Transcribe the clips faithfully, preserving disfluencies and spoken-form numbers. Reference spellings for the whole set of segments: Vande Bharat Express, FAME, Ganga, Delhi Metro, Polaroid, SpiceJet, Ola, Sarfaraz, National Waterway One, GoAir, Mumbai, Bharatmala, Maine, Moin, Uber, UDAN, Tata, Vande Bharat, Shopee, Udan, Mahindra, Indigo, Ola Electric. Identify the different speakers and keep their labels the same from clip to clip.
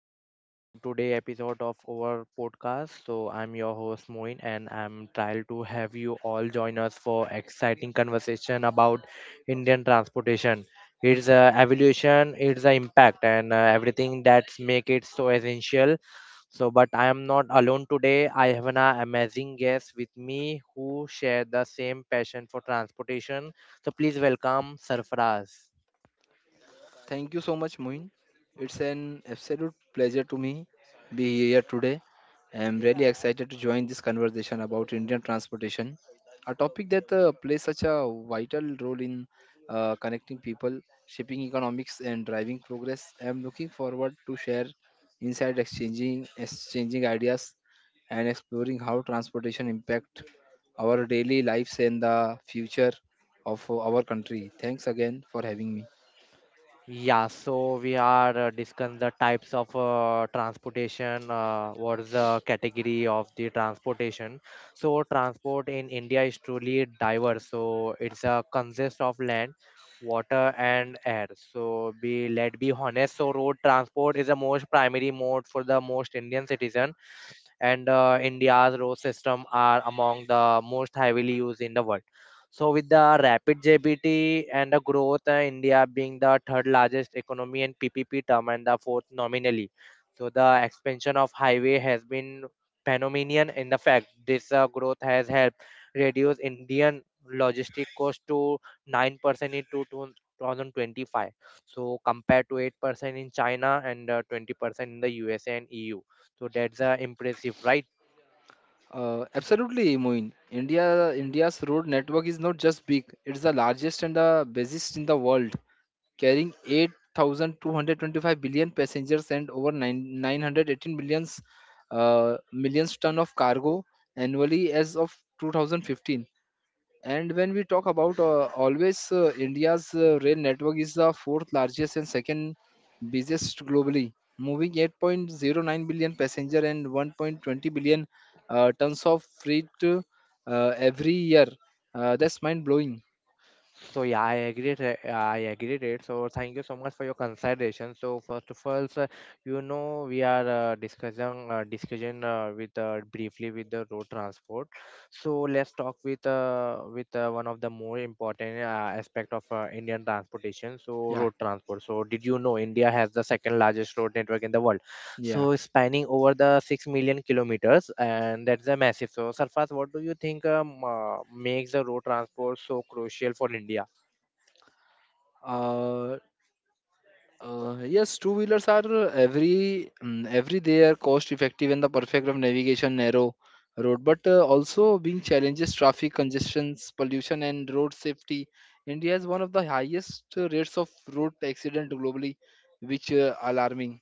Speaker 1: welcome to today episode of our podcast. So I'm your host Moin and I'm thrilled to have you all join us for exciting conversation about Indian transportation. Its uh, evolution, its uh, impact and uh, everything that's make it so essential. So but I am not alone today. I have an uh, amazing guest with me who share the same passion for transportation. So please welcome Sarfaraz.
Speaker 2: Thank you so much, Moin. It's an absolute pleasure to me be here today. I am really excited to join this conversation about Indian transportation, a topic that uh, plays such a vital role in uh, connecting people, shaping economics, and driving progress. I am looking forward to share inside exchanging exchanging ideas and exploring how transportation impact our daily lives and the future of our country. Thanks again for having me.
Speaker 1: Yeah, so we are uh, discussing the types of uh, transportation. Uh, what is the category of the transportation? So transport in India is truly diverse. So it's a consist of land, water, and air. So be let be honest. So road transport is the most primary mode for the most Indian citizen and uh, India's road system are among the most heavily used in the world. So, with the rapid G D P and the growth, uh, India being the third largest economy in P P P term and the fourth nominally. So, the expansion of highway has been phenomenal. In the fact, this uh, growth has helped reduce Indian logistic cost to nine percent in two thousand twenty-five so compared to eight percent in china and uh, twenty percent in the usa and eu so that's uh, impressive, right?
Speaker 2: Uh, absolutely, Moin. India India's road network is not just big; it's the largest and the busiest in the world, carrying 8,225 billion passengers and over nine, nine hundred eighteen millions uh, millions ton of cargo annually as of twenty fifteen. And when we talk about uh, always, uh, India's uh, rail network is the fourth largest and second busiest globally, moving eight point zero nine billion passenger and one point two zero billion uh, tons of freight uh, every year. Uh, that's mind blowing.
Speaker 1: So yeah, I agree. it- I agree it. So thank you so much for your consideration. So first of all, sir, you know we are uh, discussing uh, discussion uh, with uh, briefly with the road transport. So let's talk with uh, with uh, one of the more important uh, aspect of uh, Indian transportation. So
Speaker 2: Yeah,
Speaker 1: road transport. So did you know India has the second largest road network in the world?
Speaker 2: yeah.
Speaker 1: So spanning over the six million kilometers and that's a massive so Sarfaz what do you think um, uh, makes the road transport so crucial for India.
Speaker 2: Uh, Uh, yes, two wheelers are uh, every mm, every they are cost effective and the perfect of navigation narrow road, but uh, also being challenges traffic congestions, pollution, and road safety. India has one of the highest uh, rates of road accident globally, which uh, alarming.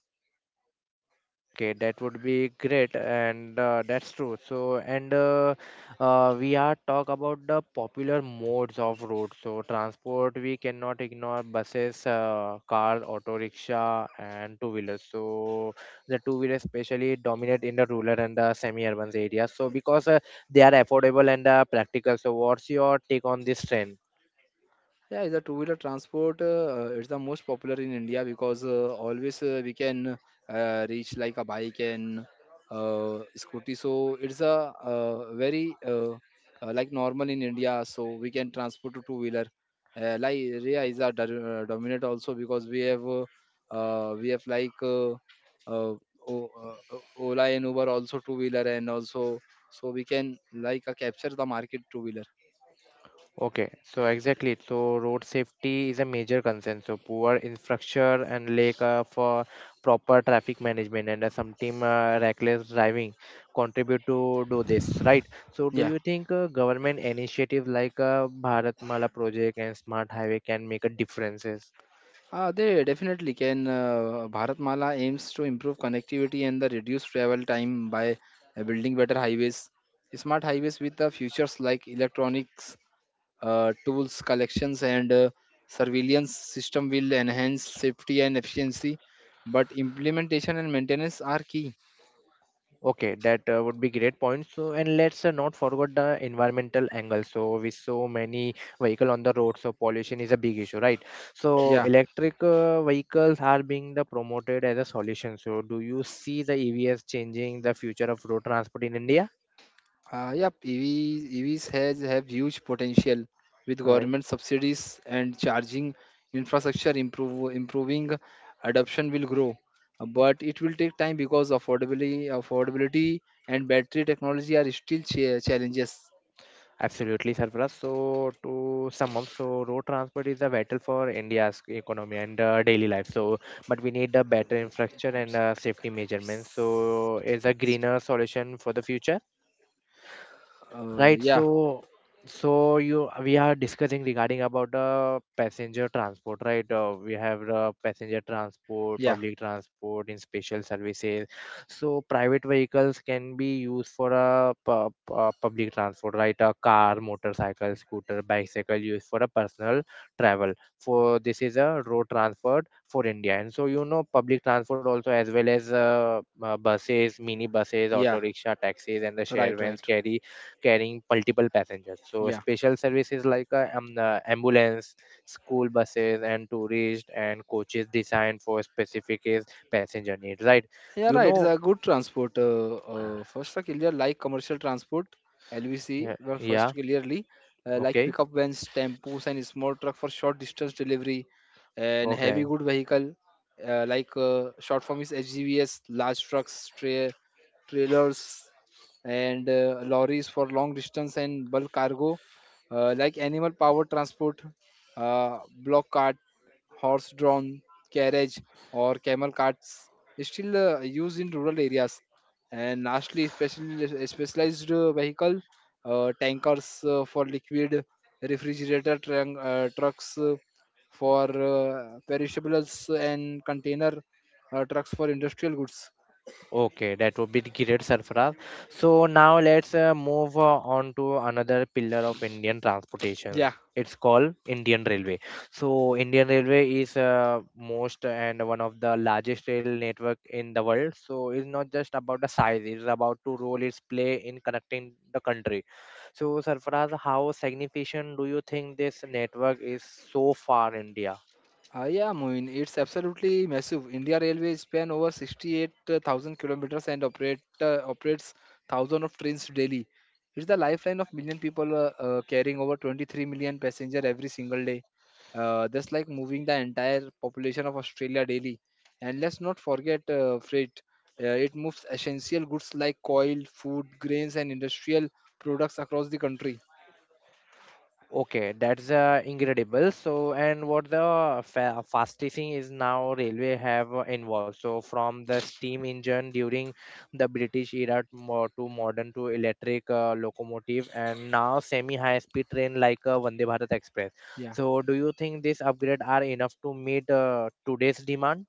Speaker 1: Okay, that would be great, and uh, that's true. So, and uh, uh, we are talk about the popular modes of road. So, transport we cannot ignore buses, uh, car, auto rickshaw, and two wheelers. So, the two wheelers especially dominate in the rural and the semi-urban areas. So, because uh, they are affordable and uh, practical. So, what's your take on this trend?
Speaker 2: Yeah, is a two-wheeler transport. Uh, it's the most popular in India because uh, always uh, we can uh, reach like a bike and uh, scooty. So it's a uh, very uh, uh, like normal in India. So we can transport to two-wheeler. Uh, like area is a do- uh, dominant also because we have uh, uh, we have like uh, uh, O- uh, uh, Ola and Uber also two-wheeler and also so we can like uh, capture the market two-wheeler.
Speaker 1: Okay, so exactly. So road safety is a major concern. So poor infrastructure and lack of uh, proper traffic management and uh, sometimes uh, reckless driving contribute to do this, right? So do
Speaker 2: Yeah.
Speaker 1: you think uh, government initiative like uh, Bharatmala project and smart highway can make a differences?
Speaker 2: Uh, they definitely can. Uh, Bharatmala aims to improve connectivity and the reduce travel time by uh, building better highways, smart highways with the features like electronics, uh, tools collections, and uh, surveillance system will enhance safety and efficiency. But implementation and maintenance are key.
Speaker 1: Okay, that uh, would be great point. So, and let's uh, not forget the environmental angle. So, with so many vehicle on the road, so pollution is a big issue, right? So,
Speaker 2: Yeah.
Speaker 1: electric uh, vehicles are being the promoted as a solution. So, do you see the E Vs changing the future of road transport in India?
Speaker 2: Uh, yep, E Vs, E Vs has have huge potential with
Speaker 1: Right,
Speaker 2: government subsidies and charging infrastructure improve, improving adoption will grow. Uh, But it will take time because affordability, affordability and battery technology are still cha- challenges.
Speaker 1: absolutely, Sarfaraz. So, to sum up, so road transport is a vital for India's economy and uh, daily life. So, but we need a better infrastructure and uh, safety measurements. So, is a greener solution for the future.
Speaker 2: Uh,
Speaker 1: Right.
Speaker 2: yeah,
Speaker 1: So, so you we are discussing regarding about the passenger transport, right? Uh, we have the passenger transport,
Speaker 2: yeah,
Speaker 1: public transport in special services. So private vehicles can be used for a pu- uh, public transport, right? A car, motorcycle, scooter, bicycle used for a personal travel. For this is a road transport for India, and so you know public transport also as well as uh, uh, buses, mini buses, auto
Speaker 2: yeah.
Speaker 1: rickshaw, taxis, and the share
Speaker 2: Right,
Speaker 1: vans
Speaker 2: right.
Speaker 1: carry carrying multiple passengers. So
Speaker 2: Yeah.
Speaker 1: special services like uh, um, uh, ambulance, school buses, and tourist and coaches designed for specific is passenger needs. Right?
Speaker 2: Yeah,
Speaker 1: You
Speaker 2: right. It's
Speaker 1: know.
Speaker 2: a good transport. Uh, uh, first, clear like commercial transport,
Speaker 1: Yeah.
Speaker 2: L V C. Well, first
Speaker 1: Yeah.
Speaker 2: clearly uh, like
Speaker 1: Okay.
Speaker 2: pickup vans, tempos, and small truck for short distance delivery, and heavy
Speaker 1: Okay.
Speaker 2: good vehicle uh, like uh, short form is H G Vs, large trucks, tra- trailers, and uh, lorries for long distance and bulk cargo, uh, like animal power transport, uh, block cart horse drawn carriage or camel carts is still uh, used in rural areas and lastly special, specialized uh, vehicle uh, tankers uh, for liquid refrigerator trunk, uh, trucks uh, for uh, perishables and container uh, trucks for industrial goods
Speaker 1: Okay, that would be great, Sarfaraz. So now let's uh, move uh, on to another pillar of Indian transportation.
Speaker 2: yeah.
Speaker 1: It's called Indian Railway. So Indian Railway is uh, most and one of the largest rail network in the world. So it's not just about the size; it's about to role its play in connecting the country. So Sarfaraz, how significant do you think this network is so far in India?
Speaker 2: Uh, yeah, Moin, it's absolutely massive. India Railways span over sixty-eight thousand kilometers and operate, uh, operates thousands of trains daily. It's the lifeline of million people, uh, uh, carrying over twenty-three million passenger every single day. Uh, that's like moving the entire population of Australia daily. And let's not forget uh, freight. Uh, it moves essential goods like coal, food, grains, and industrial products across the country.
Speaker 1: Okay, that's uh, incredible. So, and what the fa- fastest is now railway have uh, involved. So, from the steam engine during the British era to, mo- to modern to electric uh, locomotive, and now semi-high speed train like uh, Vande Bharat Express.
Speaker 2: Yeah.
Speaker 1: So, do you think this upgrade are enough to meet uh, today's demand?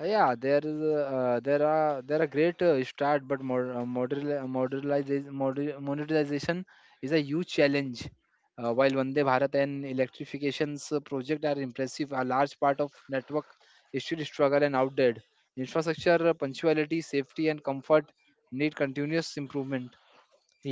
Speaker 2: Yeah, there is a, uh, there are there are great uh, start, but mod, uh, model, modernization, monetization is a huge challenge. Uh, while Vande Bharat and electrifications uh, project are impressive, a large part of network is still struggle and outdated. Infrastructure, uh, punctuality, safety, and comfort need continuous improvement.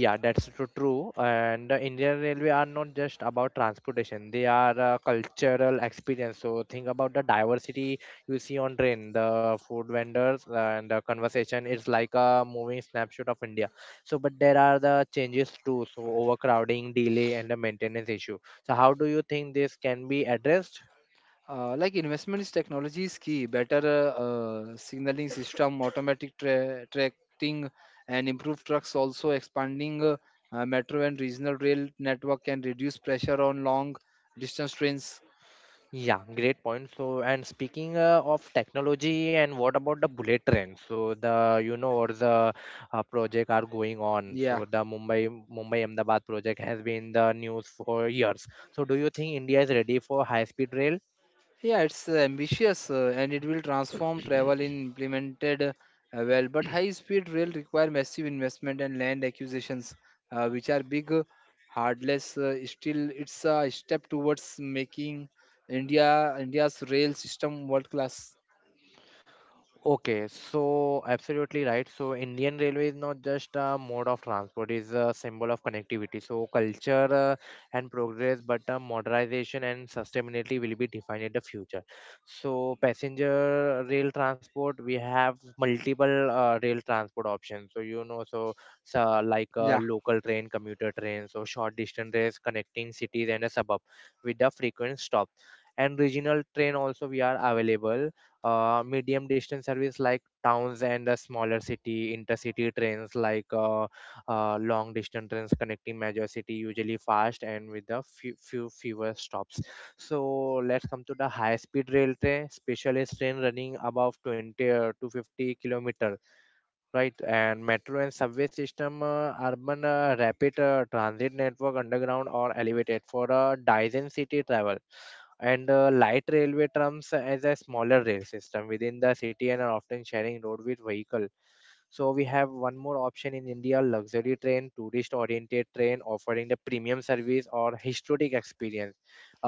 Speaker 1: Yeah, that's tru- true. And the Indian Railway are not just about transportation; they are a cultural experience. So think about the diversity you see on train, the food vendors, and the conversation. It's like a moving snapshot of India. So, but there are the changes too. So overcrowding, delay, and the maintenance issue. So how do you think this can be addressed?
Speaker 2: Uh, like investments technology is key better uh, uh, signaling system automatic tra- tracking and improved trucks also expanding uh, uh, metro and regional rail network can reduce pressure on long distance trains.
Speaker 1: Yeah, great point. So, and speaking uh, of technology, and what about the bullet train? So, the you know, or the uh, project are going on.
Speaker 2: Yeah.
Speaker 1: So, the Mumbai Mumbai Ahmedabad project has been the news for years. So, do you think India is ready for high speed rail?
Speaker 2: Yeah, it's uh, ambitious uh, and it will transform travel in implemented uh, well. But high speed rail require massive investment and land acquisitions, uh, which are big, uh, hardless. Uh, still, it's a step towards making India India's rail system world class.
Speaker 1: Okay, so absolutely right. So Indian Railway is not just a mode of transport, it's a symbol of connectivity. So culture uh, and progress, but uh, modernization and sustainability will be defined in the future. So passenger rail transport, we have multiple uh, rail transport options. So you know, so, so like uh,
Speaker 2: Yeah.
Speaker 1: local train, commuter trains, so short distance rails connecting cities and a suburb with the frequent stop. And regional train also we are available uh, medium distance service like towns and the smaller city intercity trains like uh, uh, long distance trains connecting major city usually fast and with a few, few fewer stops so let's come to the high speed rail train specialist train running above twenty uh, to fifty kilometer right and metro and subway system uh, urban uh, rapid uh, transit network underground or elevated for a uh, dice city travel and uh, light railway trams as a smaller rail system within the city and are often sharing road with vehicle so we have one more option in india luxury train tourist oriented train offering the premium service or historic experience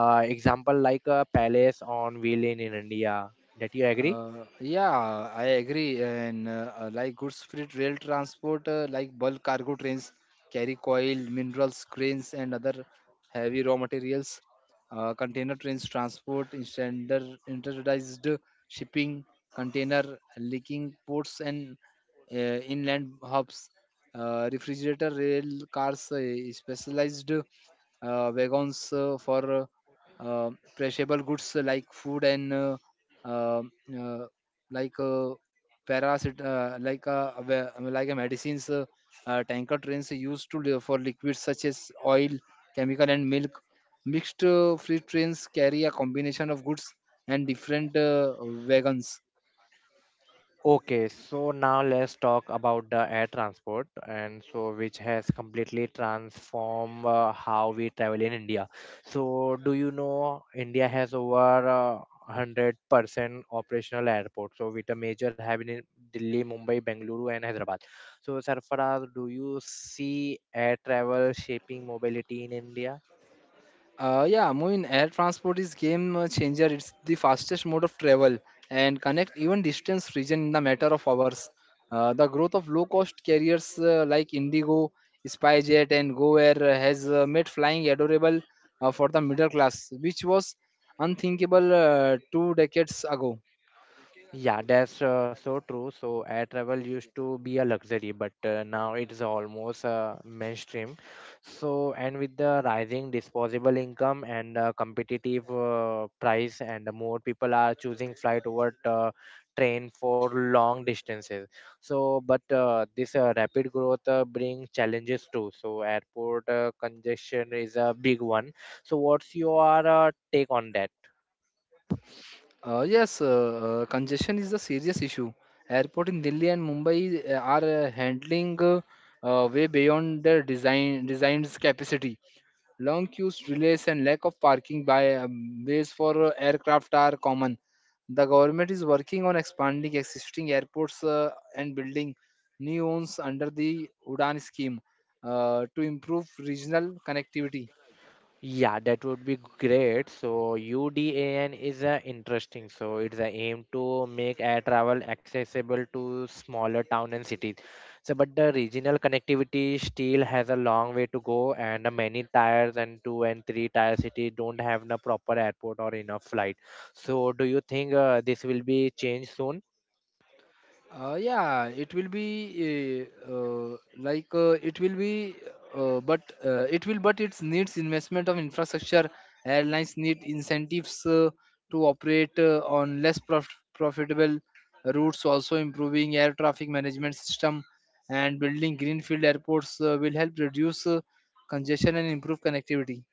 Speaker 1: uh, example like a palace on wheel in, in india that you agree.
Speaker 2: Uh, yeah, I agree. And uh, uh, like goods freight rail transport, uh, like bulk cargo trains carry coal, minerals, grains, and other heavy raw materials. Uh, container trains transport in standard standardized shipping, container leaking ports, and uh, inland hubs. Uh, refrigerator rail cars, uh, specialized uh, wagons uh, for uh, uh, perishable goods like food and uh, um, uh, like uh, parasit uh, like uh, where- like a medicines uh, uh, tanker trains used to li- for liquids such as oil chemical and milk mixed uh, freight trains carry a combination of goods and different uh, wagons.
Speaker 1: Okay, so now let's talk about the air transport and so which has completely transformed uh, how we travel in India. So do you know India has over uh, one hundred percent operational airport. So with a major having in Delhi, Mumbai, Bengaluru and Hyderabad. So Sarfaraz, do you see air travel shaping mobility in India?
Speaker 2: Uh, yeah, Moin, air transport is game uh, changer. It's the fastest mode of travel and connect even distance region in the matter of hours. Uh, the growth of low cost carriers uh, like Indigo, SpiceJet, and GoAir uh, has uh, made flying adorable uh, for the middle class, which was unthinkable uh, two decades ago.
Speaker 1: Yeah, that's uh, so true. So air travel used to be a luxury, but uh, now it's almost uh, mainstream. So, and with the rising disposable income and uh, competitive uh, price, and more people are choosing flight over uh, train for long distances. So, but uh, this uh, rapid growth uh, brings challenges too. So, airport uh, congestion is a big one. So, what's your uh, take on that?
Speaker 2: Uh, yes, uh, uh, congestion is a serious issue. Airport in Delhi and Mumbai uh, are uh, handling uh, uh, way beyond their design designed capacity. Long queues, delays, and lack of parking by um, bays for uh, aircraft are common. The government is working on expanding existing airports uh, and building new ones under the Udan scheme uh, to improve regional connectivity.
Speaker 1: Yeah, that would be great. So UDAN is uh, interesting. So it's a aim to make air travel accessible to smaller town and cities. So but the regional connectivity still has a long way to go and uh, many tires and two and three tier cities don't have the proper airport or enough flight. So do you think uh, this will be changed soon?
Speaker 2: Uh, yeah, it will be uh, uh, like uh, it will be, uh, but uh, it will, but it needs investment of infrastructure. Airlines need incentives uh, to operate uh, on less prof- profitable routes. Also, improving air traffic management system and building greenfield airports uh, will help reduce uh, congestion and improve connectivity.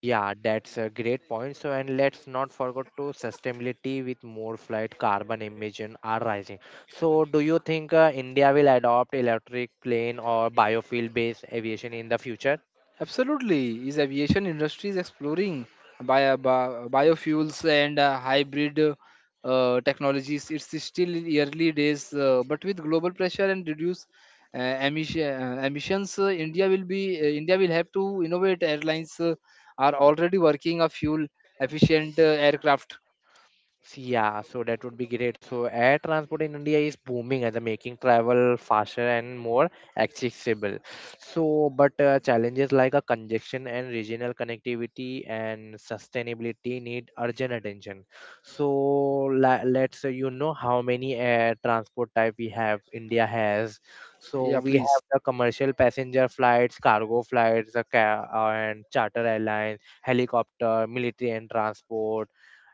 Speaker 1: Yeah, that's a great point. So, and let's not forget to sustainability with more flight carbon emission are rising. So, do you think uh, India will adopt electric plane or biofuel based aviation in the future?
Speaker 2: Absolutely, is aviation industry is exploring bio, bi- biofuels and uh, hybrid uh, technologies. It's still in early days, uh, but with global pressure and reduce uh, emission, uh, emissions, uh, India will be uh, India will have to innovate. Airlines uh, are already working a fuel efficient uh, aircraft.
Speaker 1: Yeah, so that would be great. So air transport in India is booming and the making travel faster and more accessible. So, but uh, challenges like a congestion and regional connectivity and sustainability need urgent attention. So la- let's say you know how many air transport type we have. India has. So
Speaker 2: Yeah,
Speaker 1: we
Speaker 2: please.
Speaker 1: have the commercial passenger flights, cargo flights, the ca- uh, and charter airlines, helicopter, military and transport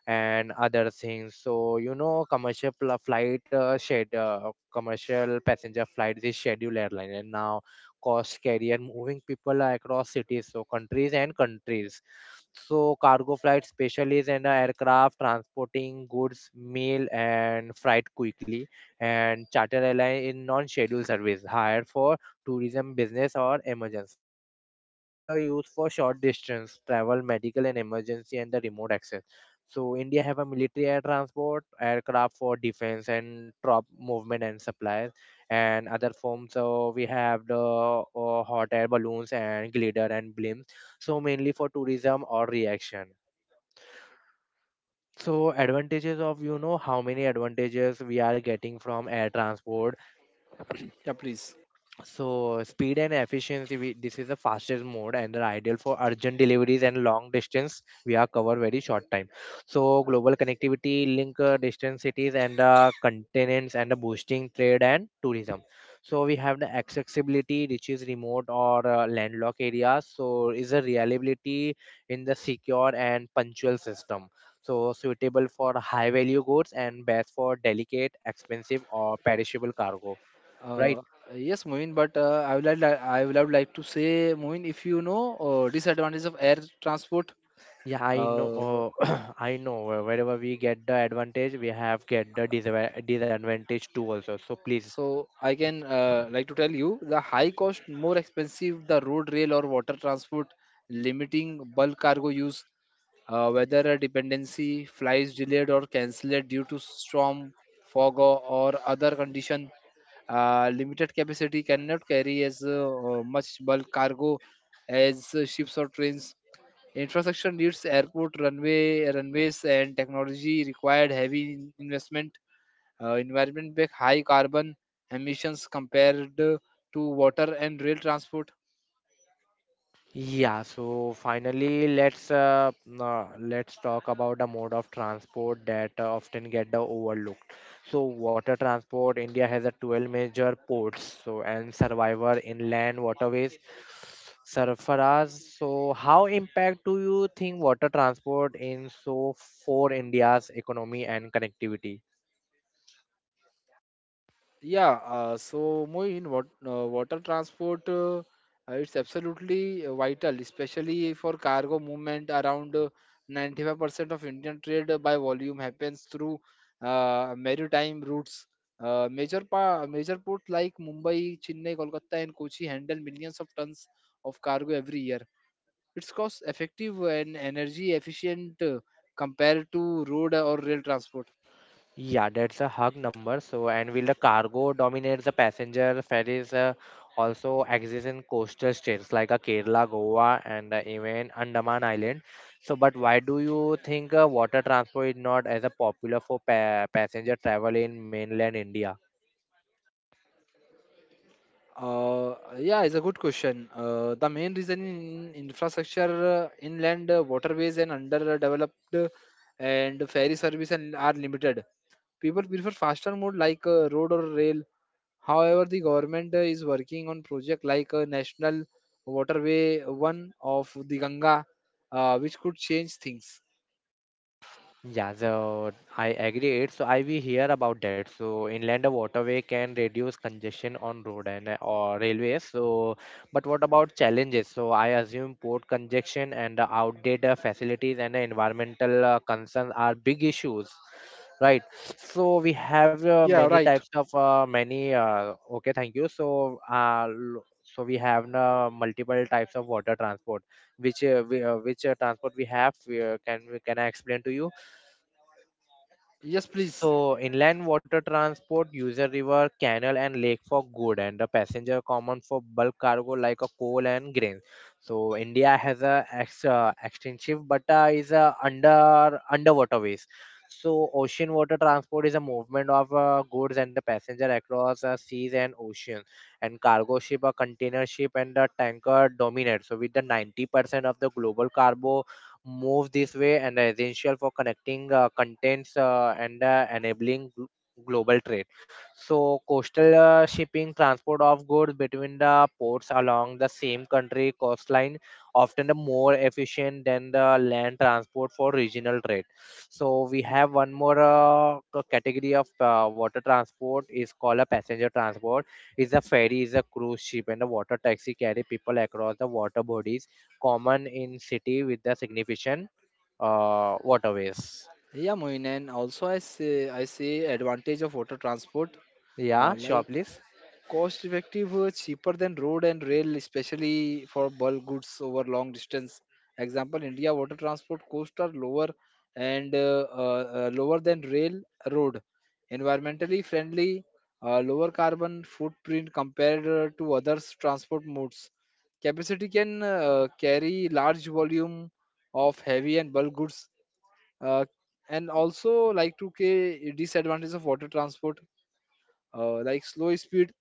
Speaker 1: and other things so you know commercial pl- flight uh, shed uh, commercial passenger flights is scheduled airline and now cost carrier moving people across cities so countries and countries so cargo flight specialists and aircraft transporting goods mail and freight quickly and charter airline in non-scheduled service hired for tourism business or emergencies so helicopter used for short distance travel medical and emergency and the remote access so India have a military air transport, aircraft for defense and troop movement and supplies, and other forms. So we have the uh, hot air balloons and glider and blimps. So mainly for tourism or reaction. So advantages of you know how many advantages we are getting from air transport.
Speaker 2: Yeah, please.
Speaker 1: So speed and efficiency, we, this is the fastest mode and are ideal for urgent deliveries and long distance. We are cover very short time. So global connectivity, link uh, distant cities and uh, continents and uh, boosting trade and tourism. So we have the accessibility, which is remote or uh, landlocked areas. So is a reliability in the secure and punctual system. So suitable for high value goods and best for delicate, expensive or perishable cargo. Right.
Speaker 2: Uh, yes, Moin, but uh, I would like I would have like to say, Moin, if you know uh, disadvantage of air transport.
Speaker 1: Yeah, I know.
Speaker 2: Uh,
Speaker 1: Uh, I know. where- Wherever we get the advantage, we have get the disava- disadvantage too also. So please.
Speaker 2: So I can uh, like to tell you the high cost, more expensive the road, rail, or water transport, limiting bulk cargo use, uh, whether a dependency flights delayed or cancelled due to storm, fog, or, or other condition. Uh, limited capacity cannot carry as uh, uh, much bulk cargo as uh, ships or trains. Infrastructure needs airport, runway, runways, and technology required heavy investment uh, environment back high carbon emissions compared uh, to water and rail transport.
Speaker 1: Yeah. So finally, let's uh, uh, let's talk about the mode of transport that uh, often get the overlooked. So water transport. India has a twelve major ports. So and survivor inland waterways. Sarfaraz. So how impact do you think water transport in so for India's economy and connectivity?
Speaker 2: Yeah, uh, so Moin, what, uh, water transport uh, uh, it's absolutely uh, vital, especially for cargo movement. Around uh, ninety-five percent of Indian trade uh, by volume happens through uh, maritime routes. Uh, major pa- major ports like Mumbai, Chennai, Kolkata, and Kochi handle millions of tons of cargo every year. It's cost effective and energy efficient uh, compared to road or rail transport.
Speaker 1: Yeah, that's a hug number. So, and will the cargo dominates the passenger ferries uh, also exist in coastal states like uh, Kerala, Goa, and uh, even Andaman Island. So, but why do you think uh, water transport is not as a popular for pa passenger travel in mainland India?
Speaker 2: Uh, yeah, it's a good question. Uh, the main reason in infrastructure, uh, inland uh, waterways and underdeveloped uh, and ferry service and are limited. People prefer faster mode like uh, road or rail. However, the government uh, is working on project like uh, National Waterway One of the Ganga, uh, which could change things.
Speaker 1: Yeah, so I agree. It. So I we hear about that. So inland waterway can reduce congestion on road and uh, or railways. So, but what about challenges? So I assume port congestion and the outdated facilities and the environmental uh, concerns are big issues, right? So we have uh,
Speaker 2: Yeah,
Speaker 1: many
Speaker 2: right.
Speaker 1: types of uh, many. Uh, okay, thank you. So uh, l- so we have uh, multiple types of water transport. Which uh, we, uh, which uh, transport we have? We, uh, can we can I explain to you?
Speaker 2: Yes, please.
Speaker 1: So inland water transport uses river, canal, and lake for good, and the passenger common for bulk cargo like a coal and grains. So India has a ex, uh, extensive, but uh, is a under underwater ways. So ocean water transport is a movement of uh, goods and the passenger across uh, seas and ocean, and cargo ship, a container ship, and a tanker dominate. So with the ninety percent of the global cargo move this way and are essential for connecting uh, contents uh, and uh, enabling gl- global trade. So, coastal uh, shipping transport of goods between the ports along the same country coastline often more efficient than the land transport for regional trade. So, we have one more uh, c- category of uh, water transport is called a passenger transport. Is a ferry, is a cruise ship, and a water taxi carry people across the water bodies common in city with the significant uh, waterways.
Speaker 2: Yeah, Mohin, and also I say I see advantage of water transport,
Speaker 1: Yeah,
Speaker 2: uh,
Speaker 1: sure,
Speaker 2: like
Speaker 1: please.
Speaker 2: cost effective, uh, cheaper than road and rail, especially for bulk goods over long distance. Example, India water transport costs are lower and uh, uh, uh, lower than rail, road. Environmentally friendly, uh, lower carbon footprint compared uh, to others transport modes. Capacity can uh, carry large volume of heavy and bulk goods uh, and also like two k disadvantage of water transport uh, like slow speed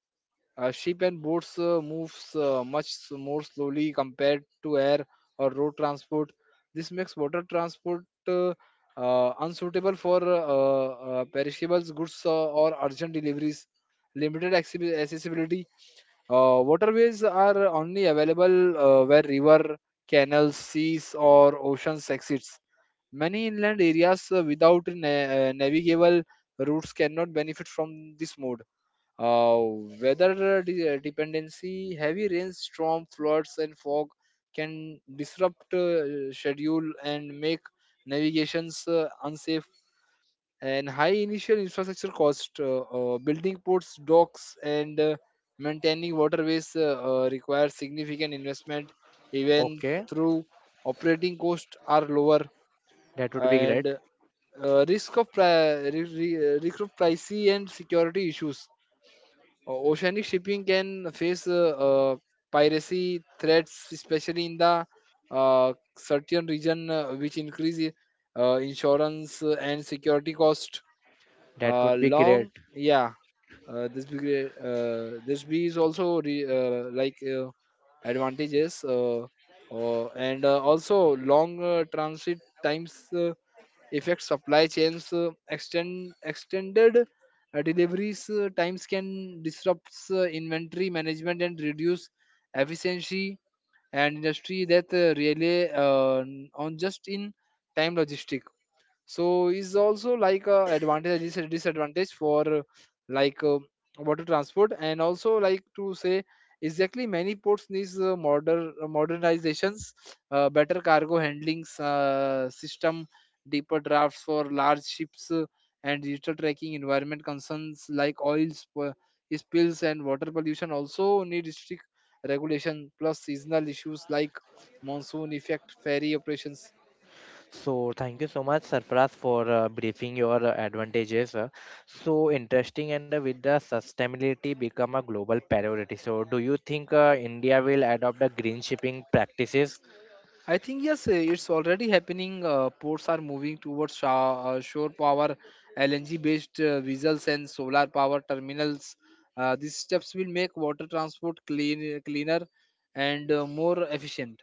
Speaker 2: uh, ship and boats uh, moves uh, much s- more slowly compared to air or road transport. This makes water transport uh, uh, unsuitable for uh, uh, perishables goods uh, or urgent deliveries, limited accessi- accessibility. Uh, waterways are only available uh, where river canals seas or oceans exist. Many inland areas uh, without na- uh, navigable routes cannot benefit from this mode. Uh, Weather uh, de- uh, dependency, heavy rains, storm, floods, and fog can disrupt uh, schedule and make navigations uh, unsafe. And high initial infrastructure cost, uh, uh, building ports, docks, and uh, maintaining waterways uh, uh, requires significant investment, even
Speaker 1: Okay,
Speaker 2: through operating costs are lower
Speaker 1: that would be great.
Speaker 2: and uh, risk of pri- re- re- risk of pricey and security issues. O- Oceanic shipping can face uh, uh, piracy threats, especially in the uh, certain region, uh, which increase i- uh, insurance uh, and security cost.
Speaker 1: That
Speaker 2: Uh,
Speaker 1: would be great.
Speaker 2: long, yeah. Uh, this be great- uh, this be is also re- uh, like uh, advantages uh, uh, and uh, also long uh, transit times uh, Effect supply chains, uh, extend extended uh, deliveries uh, times can disrupt uh, inventory management and reduce efficiency and industry that uh, rely uh, on just in time logistics, so is also like a advantage and dis- disadvantage for uh, like uh, water transport. And also like to say exactly many ports needs uh, modern uh, modernizations, uh, better cargo handlings uh, system, deeper drafts for large ships, uh, and digital tracking. Environment concerns like oil sp- spills and water pollution also need strict regulation, plus seasonal issues like monsoon effect ferry operations.
Speaker 1: So, thank you so much, Sarfaraz, for uh, briefing your uh, advantages. uh. So interesting, and uh, with the sustainability become a global priority. So, do you think uh, India will adopt the green shipping practices?
Speaker 2: I think yes, eh, it's already happening. Uh, ports are moving towards sho- uh, shore power, L N G-based uh, vessels, and solar power terminals. Uh, these steps will make water transport clean, cleaner and uh, more efficient.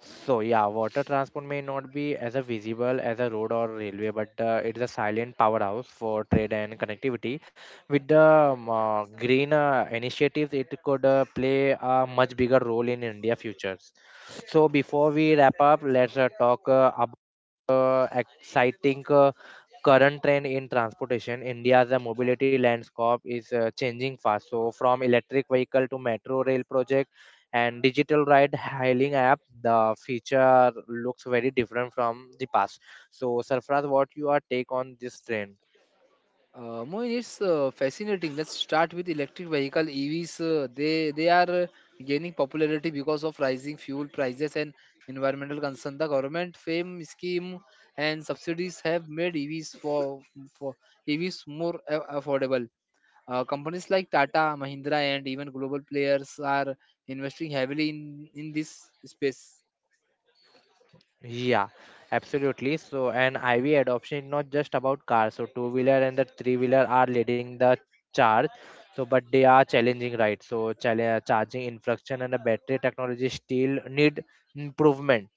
Speaker 1: So yeah, water transport may not be as a visible as a road or railway, but uh, it is a silent powerhouse for trade and connectivity. With the um, uh, green uh, initiatives, it could uh, play a much bigger role in India futures. So before we wrap up, let's uh, talk uh, uh, exciting uh, current trend in transportation. India's uh, mobility landscape is uh, changing fast. So, from electric vehicle to metro rail project and digital ride hailing app, the feature looks very different from the past. So, Sarfraz, what your take on this trend?
Speaker 2: Uh, Moin, it's uh, fascinating. Let's start with electric vehicle, E Vs. Uh, they they are uh, gaining popularity because of rising fuel prices and environmental concern. The government FAME scheme and subsidies have made E Vs for for E Vs more a- affordable. Uh, companies like Tata, Mahindra, and even global players are investing heavily in in this space.
Speaker 1: Yeah, absolutely. So, and I V adoption is not just about cars. So, two wheeler and the three wheeler are leading the charge. So, but they are challenging, right? So, chal- uh, charging infrastructure and the battery technology still need improvement.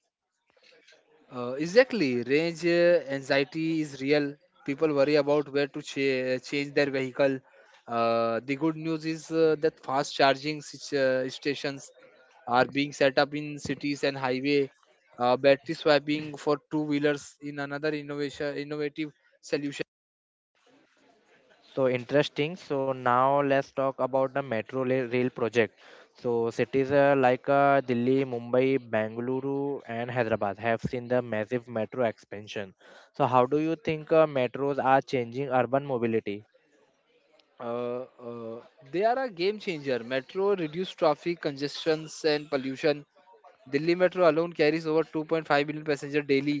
Speaker 2: Uh, exactly, range uh, anxiety is real. People worry about where to cha- change their vehicle. Uh, the good news is uh, that fast charging sit- uh, stations are being set up in cities and highway. Uh, battery swapping for two wheelers in another innovation innovative solution.
Speaker 1: So, interesting. So, now let's talk about the metro la- rail project. So, cities uh, like uh, Delhi, Mumbai, Bangalore, and Hyderabad have seen the massive metro expansion. So, how do you think uh, metros are changing urban mobility?
Speaker 2: Uh, uh, they are a game changer. Metro reduce traffic congestions and pollution. Delhi Metro alone carries over two point five million passengers daily.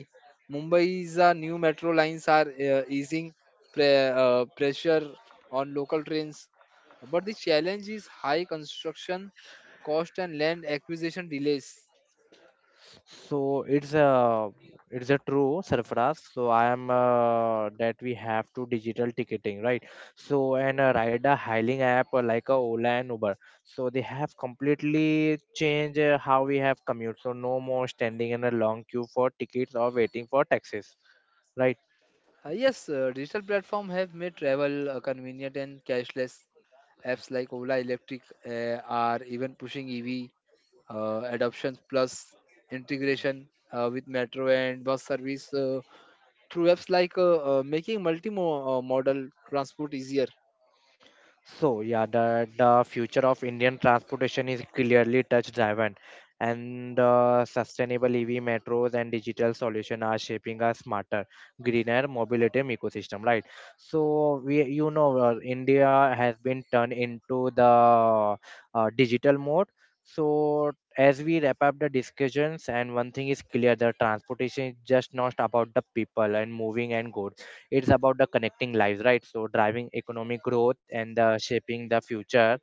Speaker 2: Mumbai's uh, new metro lines are uh, easing pre- uh, pressure on local trains, but the challenge is high construction cost and land acquisition delays.
Speaker 1: So it's a it's a true Sarfaraz. So I am uh, that we have to digital ticketing, right? So and uh, ride a hailing app uh, like a Ola and Uber. So they have completely changed uh, how we have commute. So no more standing in a long queue for tickets or waiting for taxis, right?
Speaker 2: Uh, yes, uh, digital platforms have made travel uh, convenient and cashless. Apps like Ola Electric uh, are even pushing E V uh, adoption, plus integration uh, with metro and bus service. Uh, through apps like uh, uh, making multi-modal uh, transport easier.
Speaker 1: So yeah, the the future of Indian transportation is clearly touch driven, and uh, sustainable E V metros and digital solution are shaping a smarter, greener mobility ecosystem. Right. So we, you know, uh, India has been turned into the uh, digital mode. So as we wrap up the discussions, and one thing is clear: the transportation is just not about the people and moving and goods, it's about the connecting lives, right? So driving economic growth and uh, shaping the future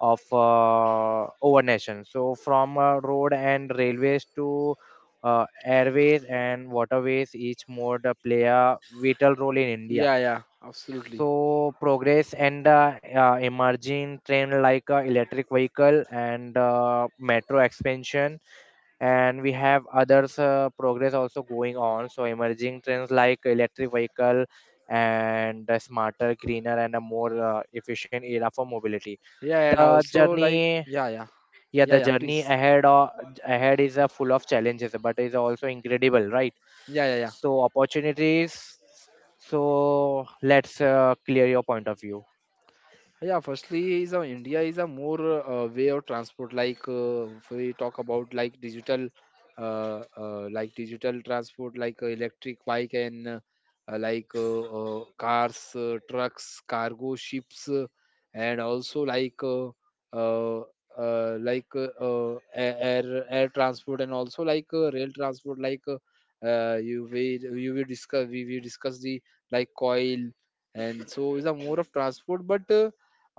Speaker 1: of uh, our nation. So from uh, road and railways to uh, airways and waterways, each mode uh, play a vital role in India.
Speaker 2: Yeah, yeah, absolutely.
Speaker 1: So progress and uh, uh, emerging trend like uh, electric vehicle and uh, metro expansion, and we have others uh, progress also going on. So emerging trends like electric vehicle and a smarter greener and a more uh, efficient era for mobility,
Speaker 2: Yeah, and
Speaker 1: the
Speaker 2: also like
Speaker 1: journey
Speaker 2: yeah, yeah,
Speaker 1: yeah
Speaker 2: yeah,
Speaker 1: the
Speaker 2: yeah.
Speaker 1: journey
Speaker 2: Please.
Speaker 1: ahead or ahead is uh, full of challenges but is also incredible, right?
Speaker 2: Yeah, yeah, yeah.
Speaker 1: So opportunities, so let's uh, clear your point of view.
Speaker 2: Yeah, firstly is uh, India is a more uh, way of transport, like uh, if we talk about like digital, uh, uh, like digital transport, like uh, electric bike and uh, uh, like uh, uh, cars, uh, trucks, cargo ships, uh, and also like uh, uh, uh, like uh, uh, air air air transport, and also like uh, rail transport like uh, uh, you will you will discuss, we will discuss the like coil. And so is a more of transport, but uh,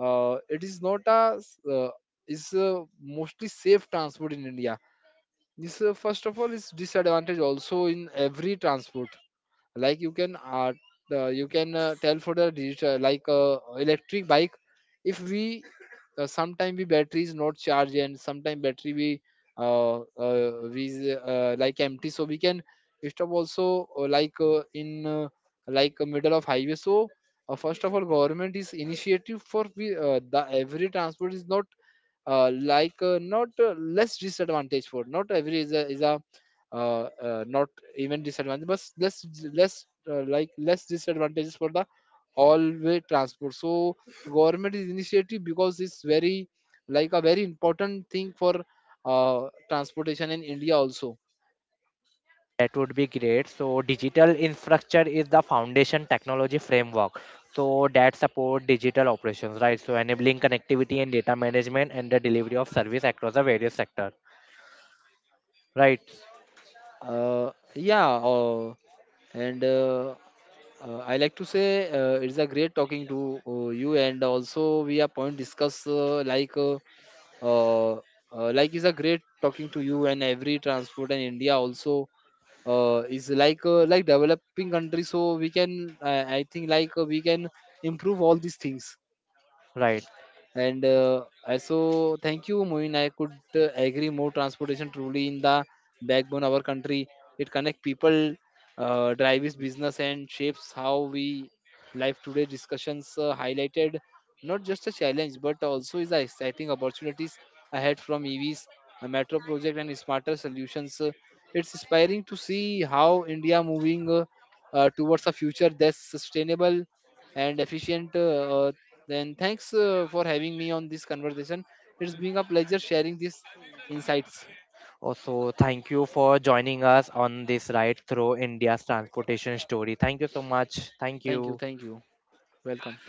Speaker 2: uh, it is not a uh, is uh, mostly safe transport in India. This uh, first of all is disadvantage also in every transport, like you can art, uh, you can uh, tell for the digital, like uh, electric bike. If we uh, sometime we battery is not charged, and sometime battery we uh, uh, we is, uh, like empty, so we can stop also uh, like uh, in uh, like uh, middle of highway. So uh, first of all government is initiative, for we uh, the every transport is not uh, like uh, not uh, less disadvantage for not every is a, is a, uh, uh, not even disadvantage but less less uh, like less disadvantages for the all way transport. So government is initiative because it's very like a very important thing for uh, transportation in India also.
Speaker 1: That would be great. So, digital infrastructure is the foundation technology framework. So, that support digital operations, right? So, enabling connectivity and data management and the delivery of service across the various sector, right?
Speaker 2: Uh, yeah uh, And uh, uh, I like to say uh, it's a great talking to uh, you. And also we are point discuss uh, like uh, uh, uh, like it's a great talking to you, and every transport in India also uh, is like uh, like developing country. So we can, I, I think like uh, we can improve all these things.
Speaker 1: Right.
Speaker 2: And uh, I- so, thank you, Moin. I could uh, agree more. Transportation truly in the backbone of our country. It connects people, uh, drives business, and shapes how we live today. Discussions uh, highlighted not just a challenge, but also is the exciting opportunities ahead, from E Vs, a metro project, and smarter solutions. Uh, It's inspiring to see how India moving uh, uh, towards a future that's sustainable and efficient. Uh, then thanks uh, for having me on this conversation. It's been a pleasure sharing these insights.
Speaker 1: Also, thank you for joining us on this ride through India's transportation story. Thank you so much. Thank
Speaker 2: Thank you.
Speaker 1: you.
Speaker 2: Thank you. Welcome.